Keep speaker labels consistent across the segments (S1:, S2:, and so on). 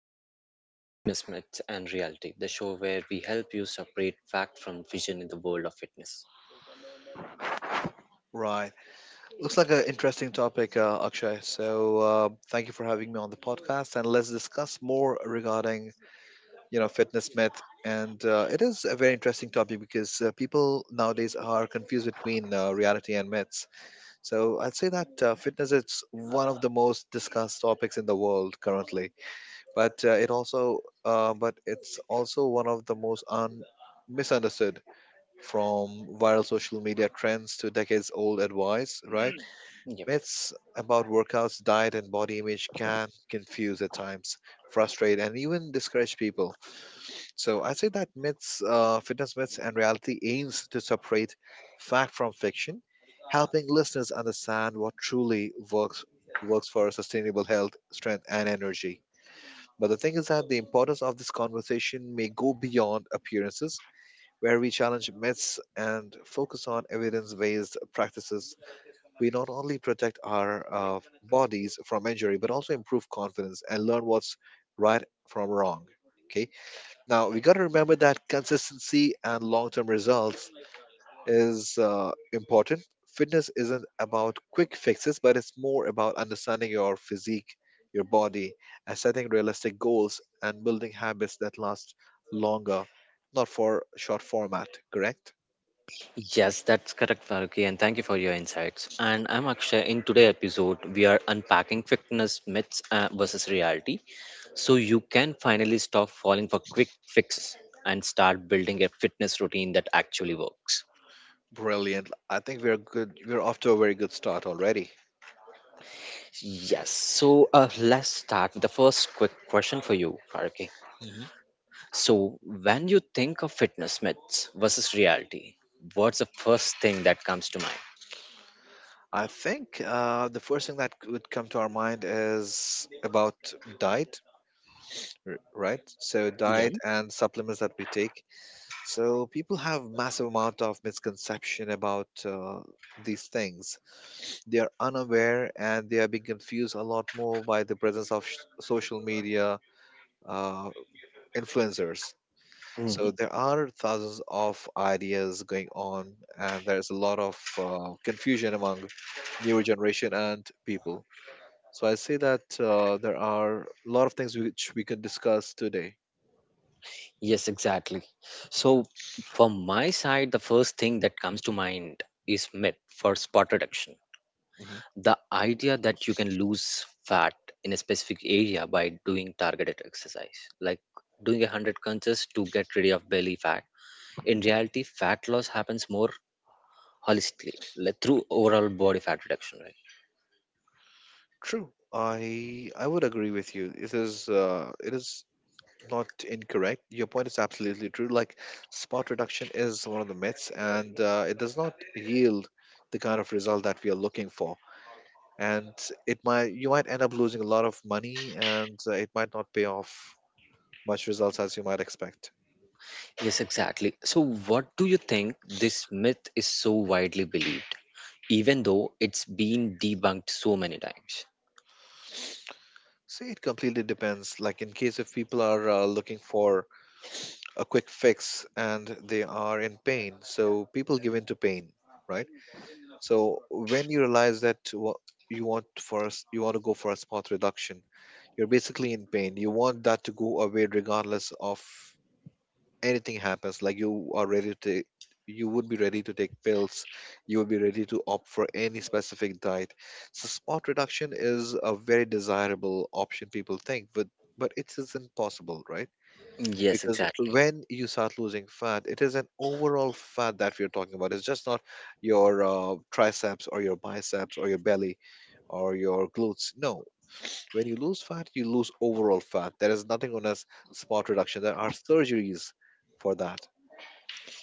S1: you're listening to Fitness Myths and Reality, the show where we help you separate fact from vision in the world of fitness.
S2: Right. Looks like an interesting topic, Akshay. So thank you for having me on the podcast, and let's discuss more regarding fitness myth. And it is a very interesting topic because people nowadays are confused between reality and myths. So I'd say that fitness is one of the most discussed topics in the world currently, but it also but it's also one of the most misunderstood, from viral social media trends to decades old advice, right?
S1: Yep.
S2: Myths about workouts, diet, and body image can confuse at times, frustrate, and even discourage people. So I say that fitness myths, and reality aims to separate fact from fiction, helping listeners understand what truly works for sustainable health, strength, and energy. But the thing is that the importance of this conversation may go beyond appearances. Where we challenge myths and focus on evidence-based practices, we not only protect our bodies from injury but also improve confidence and learn what's right from wrong. Okay, now we got to remember that consistency and long-term results is important. Fitness isn't about quick fixes, but it's more about understanding your physique, your body, and setting realistic goals and building habits that last longer, not for short format, correct?
S1: Yes, that's correct, Varuki, and thank you for your insights. And I'm Akshay. In today's episode, we are unpacking fitness myths versus reality so you can finally stop falling for quick fixes and start building a fitness routine that actually works.
S2: Brilliant. I think we're good we're off to a very good start already.
S1: Yes, so let's start with the first quick question for you, Varuki.
S2: Mhm.
S1: So, when you think of fitness myths versus reality, what's the first thing that comes to mind?
S2: I think the first thing that would come to our mind is about diet, right? So
S1: Yeah.
S2: diet and supplements that we take. So people have massive amount of misconception about these things. They are unaware and they are being confused a lot more by the presence of social media uh, influencers. So
S1: Mhm.
S2: there are thousands of ideas going on, and there's a lot of confusion among newer generation and people. So I say that there are a lot of things which we could discuss today.
S1: Yes, exactly. So, from my side, the first thing that comes to mind is myth for spot reduction.
S2: Hmm.
S1: The idea that you can lose fat in a specific area by doing targeted exercise, like doing a 100 crunches to get rid of belly fat. In reality, fat loss happens more holistically, like through overall body fat reduction, right?
S2: True, I would agree with you. It is not incorrect. Your point is absolutely true. Like spot reduction is one of the myths, and it does not yield the kind of result that we are looking for. And it might you might end up losing a lot of money, and it might not pay off much results as you might expect.
S1: Yes, exactly. So, what do you think this myth is so widely believed, even though it's been debunked so many times?
S2: See, it completely depends. Like in case if people are looking for a quick fix and they are in pain. So people give in to pain, right? So when you realize that what you want for us, you want to go for a spot reduction. You're basically in pain. You want that to go away regardless of anything happens. Like you would be ready to take pills. You would be ready to opt for any specific diet. So spot reduction is a very desirable option people think, but it isn't possible, right?
S1: Yes,
S2: Because
S1: exactly.
S2: when you start losing fat, it is an overall fat that we are talking about. It's just not your triceps or your biceps or your belly or your glutes. No, when you lose fat you lose overall fat. There is nothing known as spot reduction. There are surgeries for that.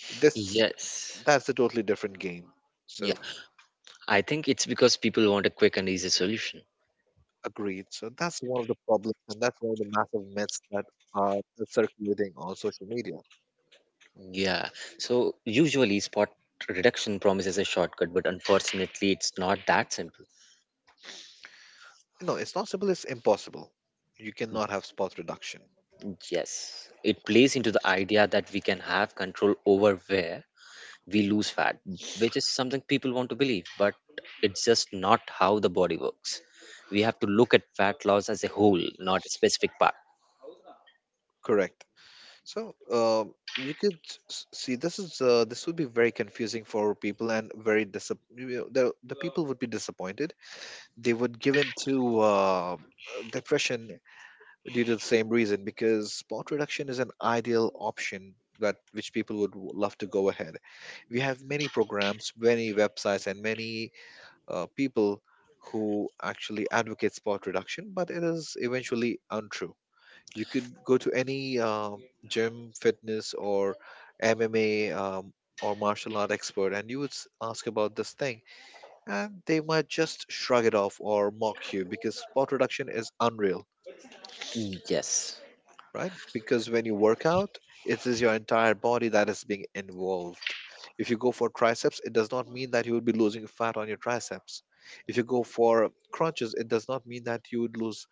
S2: This
S1: Yes.
S2: That's a totally different game.
S1: Yeah.
S2: So
S1: I think it's because people want a quick and easy solution.
S2: agreed, so that's one of the problems and that's one of the massive myths that are circulating on social media.
S1: Yeah. So, usually, spot reduction promises a shortcut, but unfortunately, it's not that simple.
S2: No, it's not simple, it's impossible. You cannot have spot reduction.
S1: Yes. It plays into the idea that we can have control over where we lose fat, which is something people want to believe, but it's just not how the body works. We have to look at fat loss as a whole, not a specific part.
S2: Correct. So you could see, this is this would be very confusing for people and very the people would be disappointed. They would give in to depression due to the same reason, because spot reduction is an ideal option that which people would love to go ahead. We have many programs, many websites, and many people who actually advocate spot reduction, but it is eventually untrue. You could go to any gym, fitness, or MMA or martial art expert, and you would ask about this thing, and they might just shrug it off or mock you, because spot reduction is unreal,
S1: Yes,
S2: right? Because when you work out, it is your entire body that is being involved. If you go for triceps, it does not mean that you would be losing fat on your triceps. If you go for crunches, it does not mean that you would lose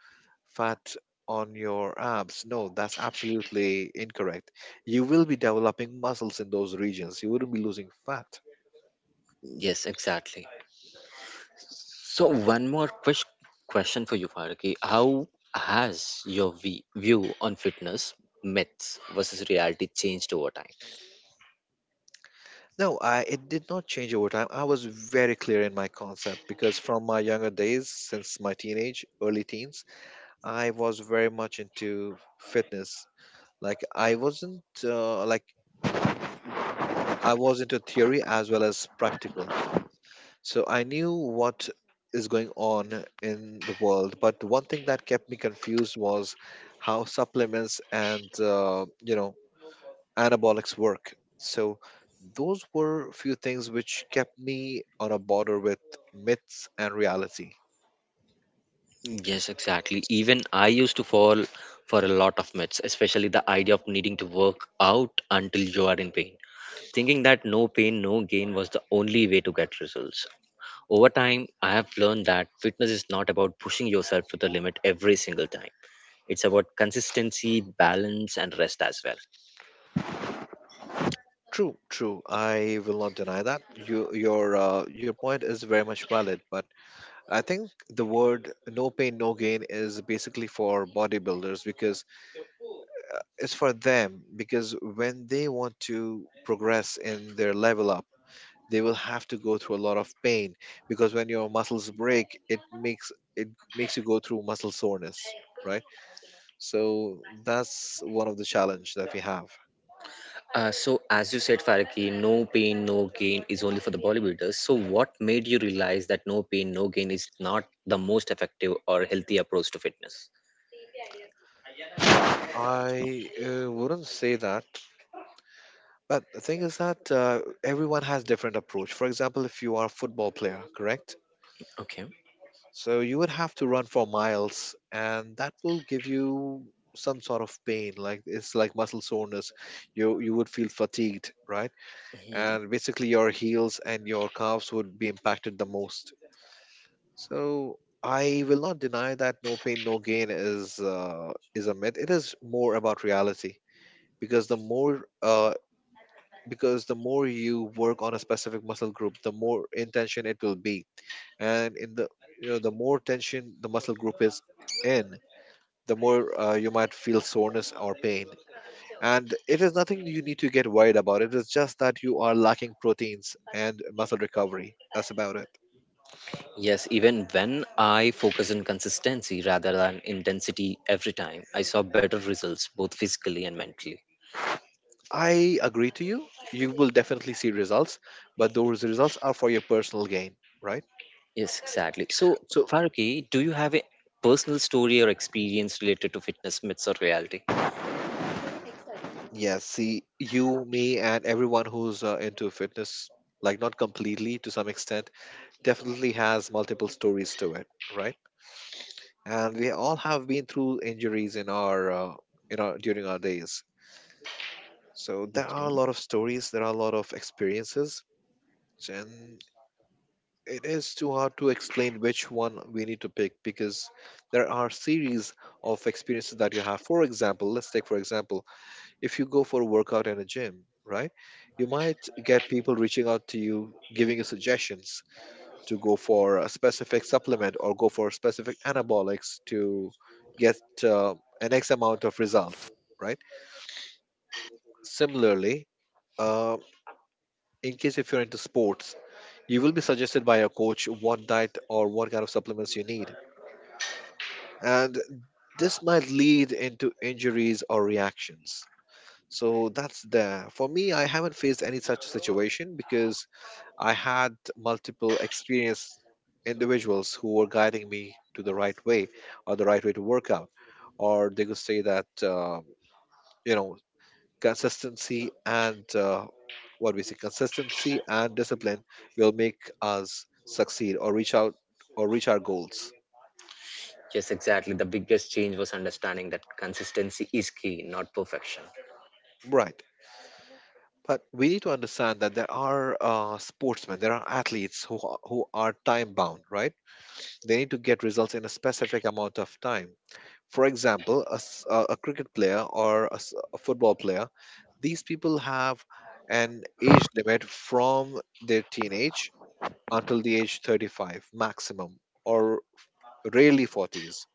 S2: fat on your abs. No, that's absolutely incorrect. You will be developing muscles in those regions. You wouldn't be losing fat.
S1: yes, exactly. So, one more quick question for you, Faraki. How has your view on fitness, myths versus reality changed over time?
S2: No, I it did not change over time. I was very clear in my concept, because from my younger days, since my teenage, early teens, I was very much into fitness. Like I wasn't like I was into theory as well as practical. So I knew what is going on in the world, but one thing that kept me confused was how supplements and anabolics work. So those were few things which kept me on a border with myths and reality.
S1: Yes, exactly. Even I used to fall for a lot of myths, especially the idea of needing to work out until you are in pain. Thinking that no pain, no gain was the only way to get results. Over time, I have learned that fitness is not about pushing yourself to the limit every single time. It's about consistency, balance, and rest as well.
S2: True, true. I will not deny that. Your point is very much valid, but I think the word "no pain, no gain" is basically for bodybuilders, because is for them because when they want to progress in their level up, they will have to go through a lot of pain, because when your muscles break, it makes you go through muscle soreness, right? So that's one of the challenge that we have.
S1: So, as you said, Faraki, no pain, no gain is only for the bodybuilders. So, what made you realize that no pain, no gain is not the most effective or healthy approach to fitness?
S2: I wouldn't say that, but the thing is that everyone has different approach. For example, if you are a football player, correct?
S1: Okay.
S2: So you would have to run for miles, and that will give you some sort of pain. Like it's like muscle soreness. You would feel fatigued, right?
S1: Hmm.
S2: And basically your heels and your calves would be impacted the most. So I will not deny that no pain, no gain is a myth. It is more about reality, because the more you work on a specific muscle group, the more intention it will be, and in the you know the more tension the muscle group is in, the more you might feel soreness or pain, and it is nothing you need to get worried about. It is just that you are lacking proteins and muscle recovery, that's about it.
S1: Yes, even when I focus on consistency rather than intensity every time, I saw better results both physically and mentally.
S2: I agree to you, you will definitely see results, but those results are for your personal gain, right?
S1: Yes, exactly. So,
S2: So
S1: Faraki, do you have a personal story or experience related to fitness myths or reality?
S2: yes, see, you, me, and everyone who's into fitness, like not completely, to some extent, definitely has multiple stories to it, right? And we all have been through injuries in our during our days. So there are a
S1: Okay.
S2: lot of stories, there are a lot of experiences, and it is too hard to explain which one we need to pick, because there are series of experiences that you have. For example Let's take for example, if you go for a workout in a gym, right? You might get people reaching out to you giving you suggestions to go for a specific supplement or go for specific anabolics to get uh, an X amount of result, right? Similarly, uh, in case if you're into sports, you will be suggested by your coach what diet or what kind of supplements you need. And this might lead into injuries or reactions. So that's there. For me, I haven't faced any such situation, because I had multiple experienced individuals who were guiding me to the right way or the right way to work out. Or they could say that, you know, consistency and consistency and discipline will make us succeed or reach out or reach our goals.
S1: Yes, exactly. The biggest change was understanding that consistency is key, not perfection.
S2: Right. But we need to understand that there are sportsmen, there are athletes who are time bound, right? They need to get results in a specific amount of time. For example, a cricket player or a football player, these people have an age limit from their teenage until the age 35 maximum, or rarely 40s.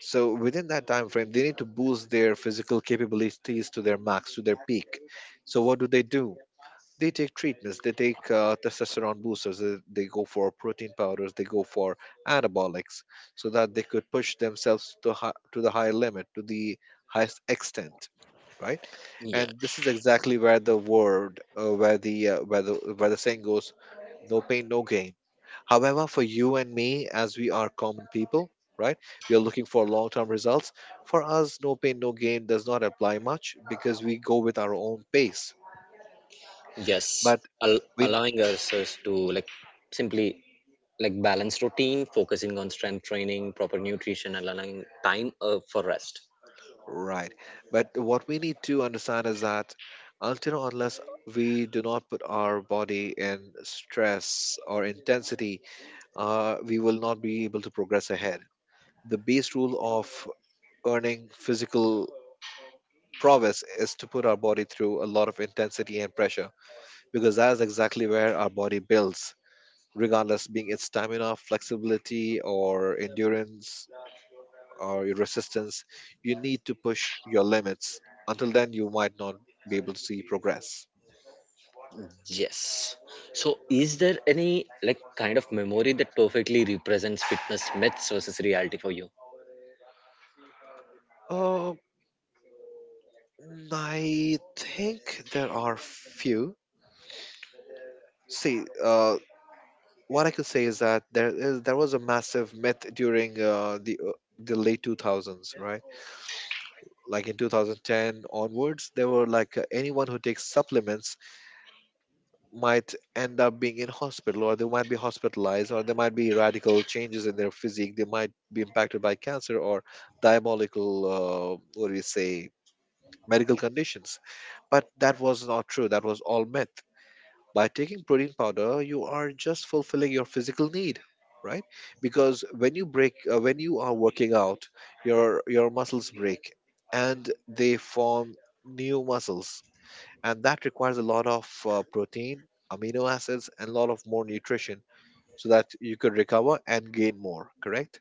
S2: So within that time frame, they need to boost their physical capabilities to their max, to their peak. So what do they do? They take treatments, they take testosterone boosters, they go for protein powders, they go for anabolics, so that they could push themselves to, to the higher limit, to the highest extent, right?
S1: Yeah.
S2: And this is exactly where the where the saying goes, no pain no gain. However, for you and me, as we are common people, right, we are looking for long term results. For us no pain no gain does not apply much, because we go with our own pace.
S1: Yes.
S2: But we
S1: Allowing ourselves to simply like balance routine, focusing on strength training, proper nutrition, and allowing time for rest.
S2: right. But what we need to understand is that until or unless we do not put our body in stress or intensity, we will not be able to progress ahead. The base rule of earning physical prowess is to put our body through a lot of intensity and pressure, because that is exactly where our body builds, regardless being its stamina, flexibility, or endurance or your resistance. You need to push your limits. Until then, you might not be able to see progress.
S1: Yes. So, is there any like kind of memory that perfectly represents fitness myths versus reality for you?
S2: Uh, I think there are few. See, what I could say is that there was a massive myth during the late 2000s, right? Like in 2010 onwards, there were like anyone who takes supplements might end up being in hospital, or they might be hospitalized, or there might be radical changes in their physique, they might be impacted by cancer or diabolical, what do you say, medical conditions. But that was not true, that was all myth. By taking protein powder you are just fulfilling your physical need, right? Because when you break when you are working out, your muscles break and they form new muscles, and that requires a lot of protein, amino acids, and a lot of more nutrition, so that you could recover and gain more. Correct.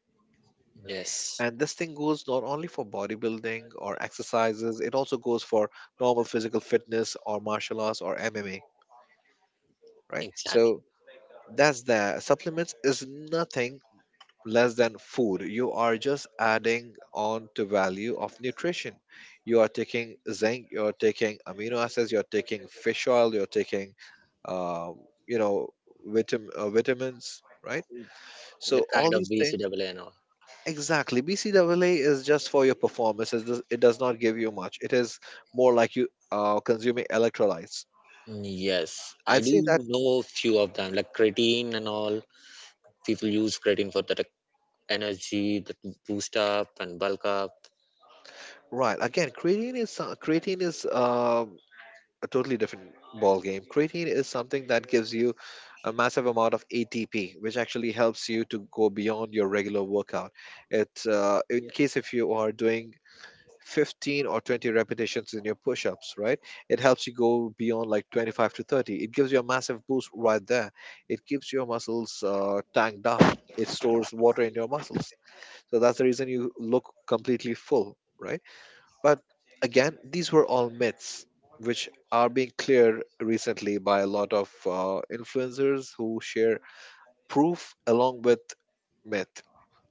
S1: Yes.
S2: And this thing goes not only for bodybuilding or exercises, it also goes for normal physical fitness or martial arts or MMA, right?
S1: Exactly.
S2: So that's the supplements is nothing less than food. You are just adding on to value of nutrition. You are taking zinc, you're taking amino acids, you're taking fish oil, you're taking, uh, you know, vitamins, right?
S1: The
S2: So
S1: kind
S2: all
S1: of
S2: these things,
S1: BCAA and all.
S2: exactly. BCAA is just for your performance. It does not give you much. It is more like you consuming electrolytes.
S1: Yes, I
S2: I'd
S1: do
S2: say that
S1: know a few of them, like creatine and all. People use creatine for that energy, that boost up and bulk up.
S2: right. Again, creatine is a totally different ball game. Creatine is something that gives you a massive amount of ATP, which actually helps you to go beyond your regular workout. It, in case if you are doing 15 or 20 repetitions in your push-ups, right? It helps you go beyond like 25 to 30. It gives you a massive boost right there. It keeps your muscles tanked up. It stores water in your muscles. So that's the reason you look completely full, right? But again, these were all myths, which are being cleared recently by a lot of influencers who share proof along with myth,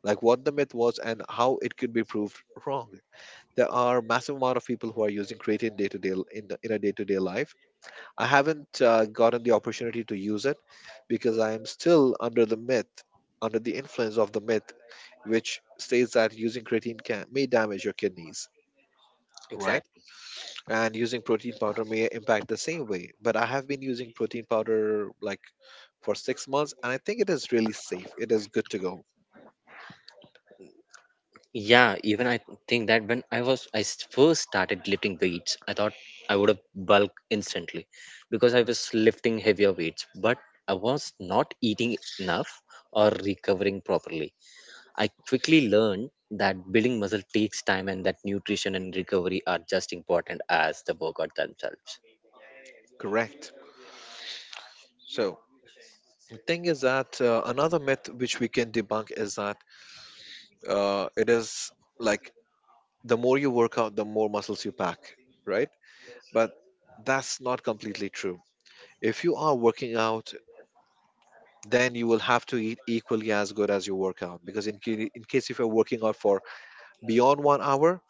S2: like what the myth was and how it could be proved wrong. There are massive amount of people who are using creatine day to day in a day to day life. I haven't gotten the opportunity to use it because I am still under the myth, under the influence of the myth, which states that using creatine can may damage your kidneys. Right.
S1: Exactly.
S2: And using protein powder may impact the same way, but I have been using protein powder like for 6 months, and I think it is really safe, it is good to go.
S1: Yeah, even I think that when I first started lifting weights, I thought I would have bulk instantly because I was lifting heavier weights, but I was not eating enough or recovering properly. I quickly learned that building muscle takes time and that nutrition and recovery are just important as the workout themselves.
S2: Correct. So the thing is that another myth which we can debunk is that it is like the more you work out, the more muscles you pack, right? But that's not completely true. If you are working out, then you will have to eat equally as good as you work out, because in case if you're working out for beyond 1 hour,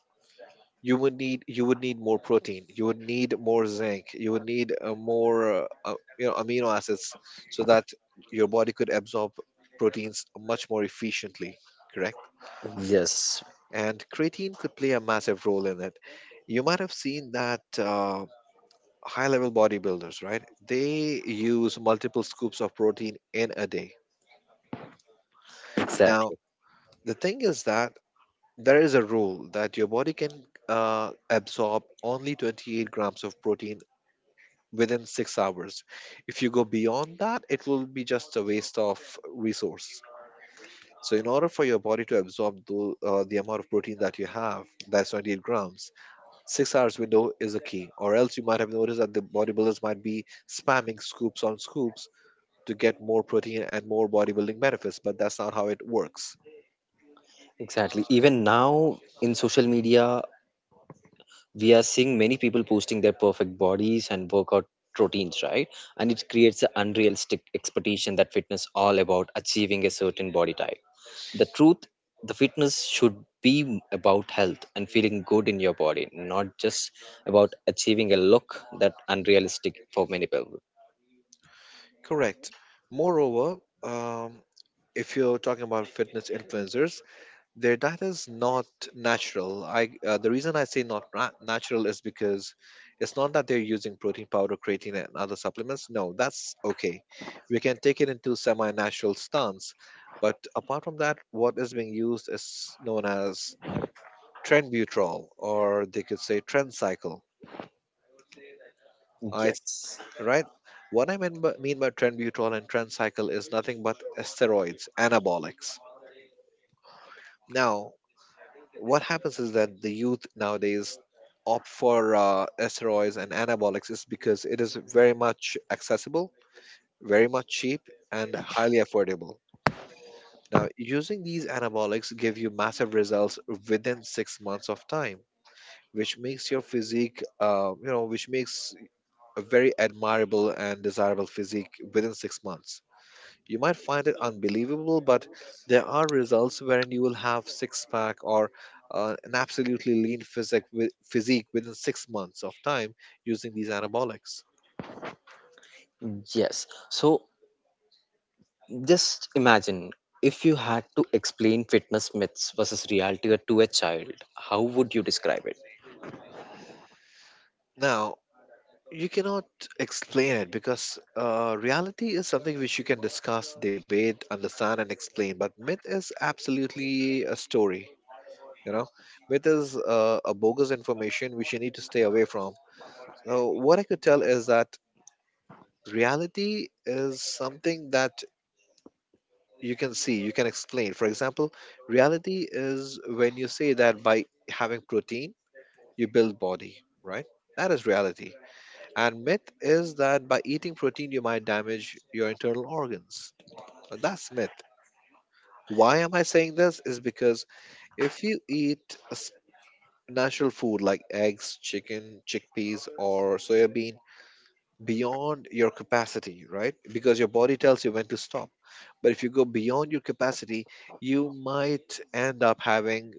S2: you would need more protein, you would need more zinc, you would need more you know amino acids, so that your body could absorb proteins much more efficiently. Correct.
S1: Yes,
S2: And creatine could play a massive role in it. You might have seen that high level bodybuilders, right? They use multiple scoops of protein in a day. Now
S1: exactly.
S2: the thing is that there is a rule that your body can absorb only 28 grams of protein within 6 hours. If you go beyond that, it will be just a waste of resource. So, in order for your body to absorb the amount of protein that you have, that's 28 grams, 6 hours window is a key. Or else you might have noticed that the bodybuilders might be spamming scoops on scoops to get more protein and more bodybuilding benefits, but that's not how it works.
S1: Exactly. Even now in social media, we are seeing many people posting their perfect bodies and workout routines, right? And it creates an unrealistic expectation that fitness all about achieving a certain body type. The truth, the fitness should be about health and feeling good in your body, not just about achieving a look that unrealistic for many people.
S2: Correct. Moreover, if you're talking about fitness influencers, their diet is not natural. I the reason I say not ra- natural is because it's not that they're using protein powder, creatine, and other supplements. No, that's okay. We can take it into semi-natural stance, but apart from that, what is being used is known as trenbutrol, or they could say trencycle. I
S1: Yes,
S2: right. What mean by trenbutrol and trencycle is nothing but steroids, anabolics. Now, what happens is that the youth nowadays opt for steroids and anabolics is because it is very much accessible, very much cheap, and highly affordable. Now, using these anabolics give you massive results within 6 months of time, which makes your physique, which makes a very admirable and desirable physique within 6 months. You might find it unbelievable, but there are results wherein you will have six pack or an absolutely lean physique within 6 months of time using these anabolics.
S1: yes, so just imagine if you had to explain fitness myths versus reality to a child, how would you describe it?
S2: Now, you cannot explain it because reality is something which you can discuss, debate, understand, and explain. But myth is absolutely a story. You know, myth is a bogus information which you need to stay away from. So, what I could tell is that reality is something that you can see, you can explain. For example, reality is when you say that by having protein you build body, right? That is reality. And myth is that by eating protein you might damage your internal organs. That's myth. Why am I saying this is because if you eat natural food like eggs, chicken, chickpeas, or soybean beyond your capacity, right? Because your body tells you when to stop. But if you go beyond your capacity, you might end up having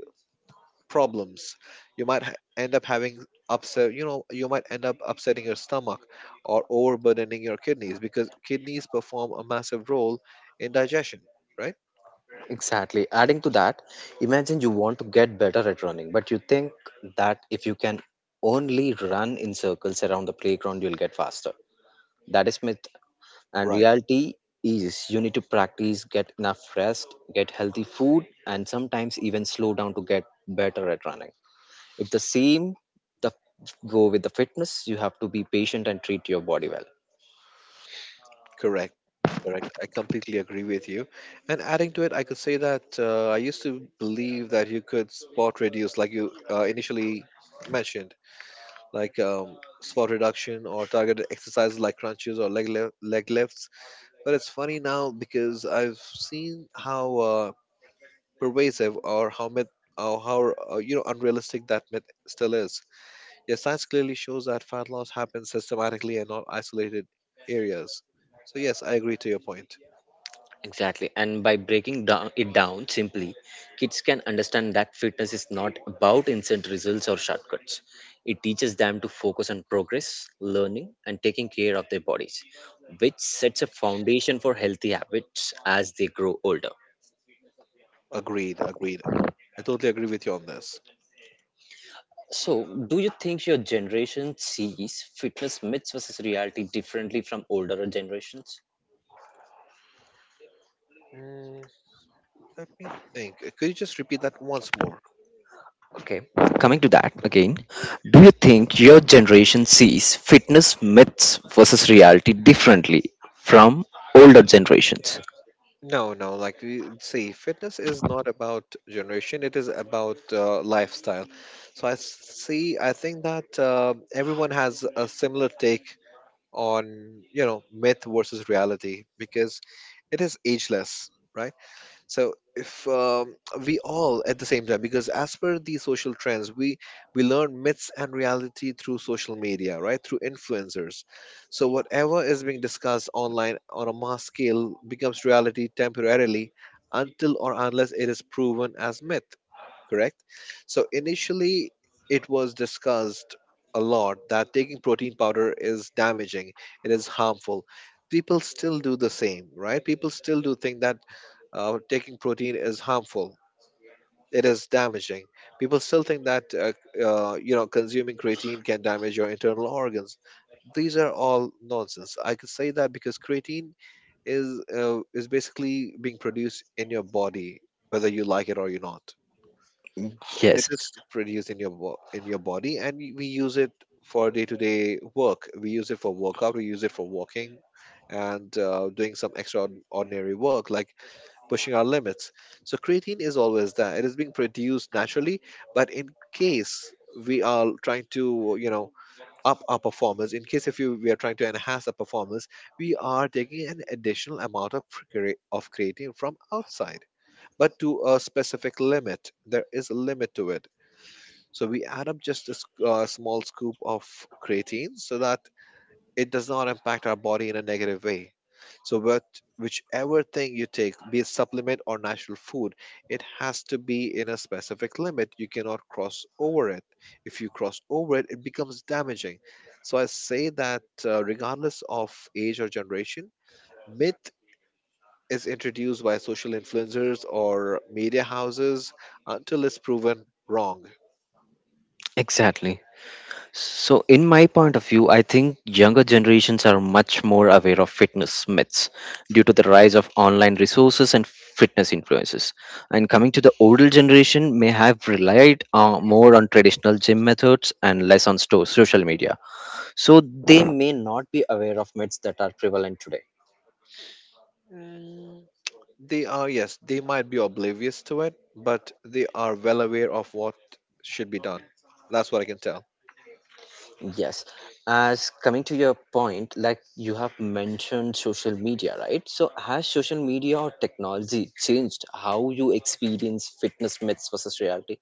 S2: problems. You might end up having upset, you know, you might end up upsetting your stomach, or overburdening your kidneys, because kidneys perform a massive role in digestion, right?
S1: Exactly. Adding to that, imagine you want to get better at running, but you think that if you can only run in circles around the playground, you'll get faster. That is myth. And
S2: Right,
S1: reality is you need to practice, get enough rest, get healthy food, and sometimes even slow down to get better at running. It's the same, the go with the fitness. You have to be patient and treat your body well.
S2: correct. Correct. I completely agree with you. And adding to it, I could say that I used to believe that you could spot reduce, like you initially mentioned, like spot reduction or targeted exercises like crunches or leg lifts. But it's funny now because I've seen how pervasive or how myth, or how unrealistic that myth still is. Yes, science clearly shows that fat loss happens systematically and not isolated areas. So yes, I agree to your point.
S1: Exactly. And by breaking down it down simply, kids can understand that fitness is not about instant results or shortcuts. It teaches them to focus on progress, learning, and taking care of their bodies, which sets a foundation for healthy habits as they grow older.
S2: Agreed, agreed. I totally agree with you on this.
S1: So, do you think your generation sees fitness myths versus reality differently from older generations?
S2: Mm, let me think. Could you just repeat that once more?
S1: Okay, coming to that again, do you think your generation sees fitness myths versus reality differently from older generations?
S2: No, no. See, fitness is not about generation, it is about lifestyle. I think that everyone has a similar take on, you know, myth versus reality, because it is ageless, right? So if we all at the same time, because as per the social trends, we learn myths and reality through social media, right? Through influencers. So whatever is being discussed online on a mass scale becomes reality temporarily, until or unless it is proven as myth. Correct. So initially, it was discussed a lot that taking protein powder is damaging. It is harmful. People still do the same, right? People still do think that taking protein is harmful. It is damaging. People still think that consuming creatine can damage your internal organs. These are all nonsense. I could say that because creatine is basically being produced in your body, whether you like it or you not. It
S1: Yes,
S2: is produced in your body, and we use it for day to day work. We use it for workout. We use it for walking, and doing some extraordinary work like pushing our limits. So creatine is always there. It is being produced naturally, but in case we are trying to, you know, up our performance, in case if you, we are trying to enhance our performance, we are taking an additional amount of, of creatine from outside, but to a specific limit. There is a limit to it. So we add up just small scoop of creatine so that it does not impact our body in a negative way. So, what, whichever thing you take, be it supplement or natural food, it has to be in a specific limit. You cannot cross over it. If you cross over it, it becomes damaging. So, I say that regardless of age or generation, myth is introduced by social influencers or media houses until it's proven wrong.
S1: exactly. So, in my point of view, I think younger generations are much more aware of fitness myths due to the rise of online resources and fitness influences. And coming to the older generation, may have relied more on traditional gym methods and less on social media, so they may not be aware of myths that are prevalent today.
S2: They are, yes, they might be oblivious to it, but they are well aware of what should be done. That's what I can tell.
S1: Yes, as coming to your point, like you have mentioned social media, right? So has social media or technology changed how you experience fitness myths versus reality?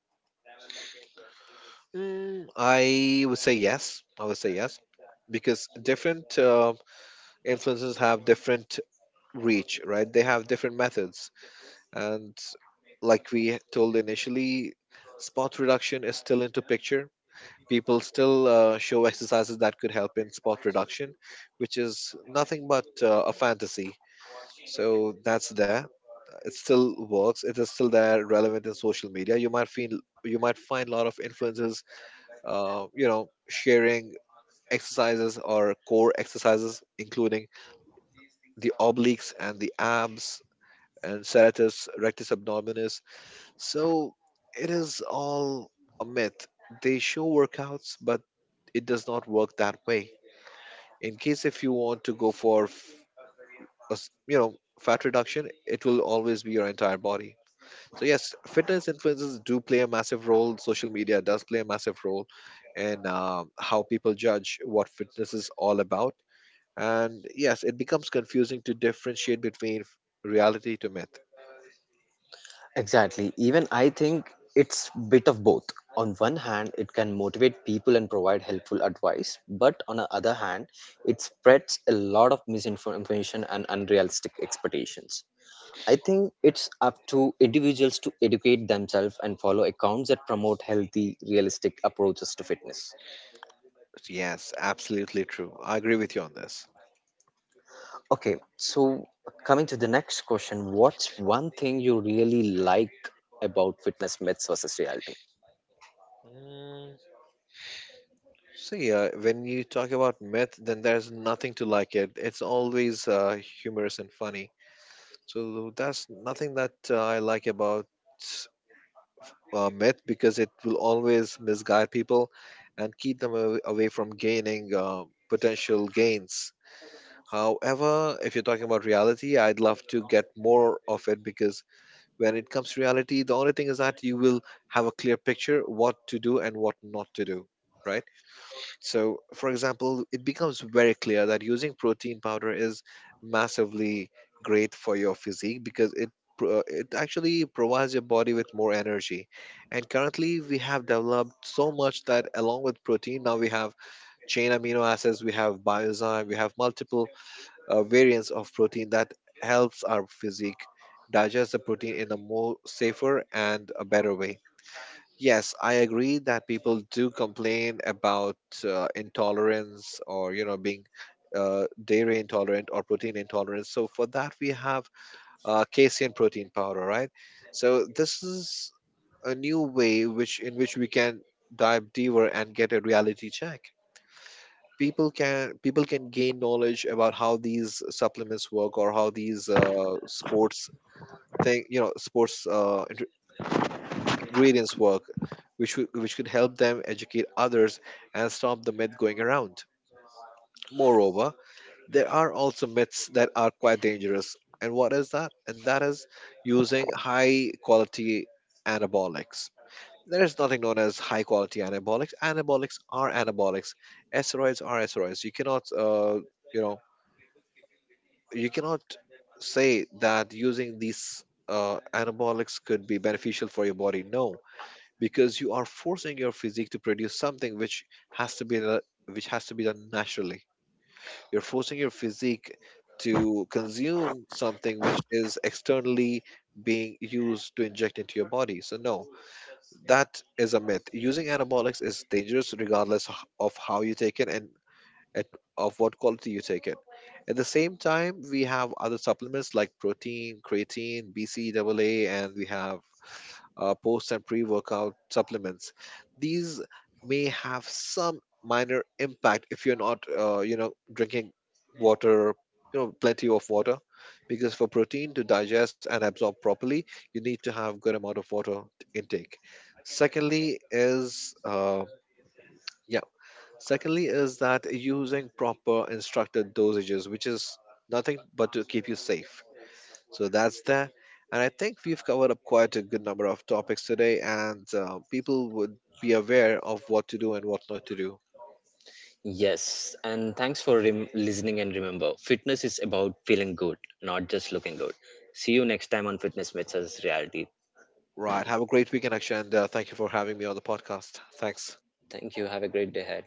S2: I would say yes. I would say yes because different influencers have different reach, right? They have different methods, and like we told initially, spot reduction is still into picture. People still show exercises that could help in spot reduction, which is nothing but a fantasy. So that's there, it still works, it is still there relevant in social media. You might feel, you might find a lot of influencers sharing exercises or core exercises including the obliques and the abs and serratus rectus abdominis. So it is all a myth. They show workouts, but it does not work that way. In case if you want to go for f- a s- you know fat reduction, it will always be your entire body. So yes, fitness influencers do play a massive role. Social media does play a massive role in how people judge what fitness is all about. And yes, it becomes confusing to differentiate between reality to myth.
S1: Exactly, even I think it's bit of both. On one hand, it can motivate people and provide helpful advice, but on the other hand, it spreads a lot of misinformation and unrealistic expectations. I think it's up to individuals to educate themselves and follow accounts that promote healthy, realistic approaches to fitness.
S2: Yes, absolutely true. I agree with you on this.
S1: Okay, so coming to the next question, what's one thing you really like about fitness myths versus reality?
S2: Mm, So yeah, when you talk about myth, then there's nothing to like it. It's always humorous and funny. So that's nothing that I like about myth, because it will always misguide people and keep them away from gaining potential gains. However, if you're talking about reality, I'd love to get more of it, because when it comes to reality, the only thing is that you will have a clear picture what to do and what not to do, right? So, for example, it becomes very clear that using protein powder is massively great for your physique because it it actually provides your body with more energy. And currently, we have developed so much that along with protein, now we have chain amino acids, we have biozyme, we have multiple variants of protein that helps our physique digest the protein in a more safer and a better way. Yes, I agree that people do complain about intolerance, or you know, being dairy intolerant or protein intolerant. So for that we have casein protein powder, right? So this is a new way which in which we can dive deeper and get a reality check. People can gain knowledge about how these supplements work, or how these sports thing, you know, sports ingredients work, which, which could help them educate others and stop the myth going around. Moreover, there are also myths that are quite dangerous. And what is that? And that is using high quality anabolics. There is nothing known as high quality anabolics. Anabolics are anabolics. Steroids are steroids. You cannot, you know, you cannot say that using these anabolics could be beneficial for your body. No, because you are forcing your physique to produce something which has to be done naturally. You're forcing your physique to consume something which is externally being used to inject into your body. So no, that is a myth. Using anabolics is dangerous regardless of how you take it, and at, of what quality you take it. At the same time, we have other supplements like protein, creatine, bcaa, and we have post and pre workout supplements. These may have some minor impact if you're not, drinking water, you know, plenty of water, because for protein to digest and absorb properly, you need to have good amount of water intake. Secondly is yeah. That using proper instructed dosages, which is nothing but to keep you safe. So that's that. And I think we've covered up quite a good number of topics today, and people would be aware of what to do and what not to do.
S1: Yes, and thanks for listening. And remember, fitness is about feeling good, not just looking good. See you next time on Fitness Myths versus Reality.
S2: Right. Have a great weekend, Akshay, and thank you for having me on the podcast. Thanks.
S1: Thank you. Have a great day ahead.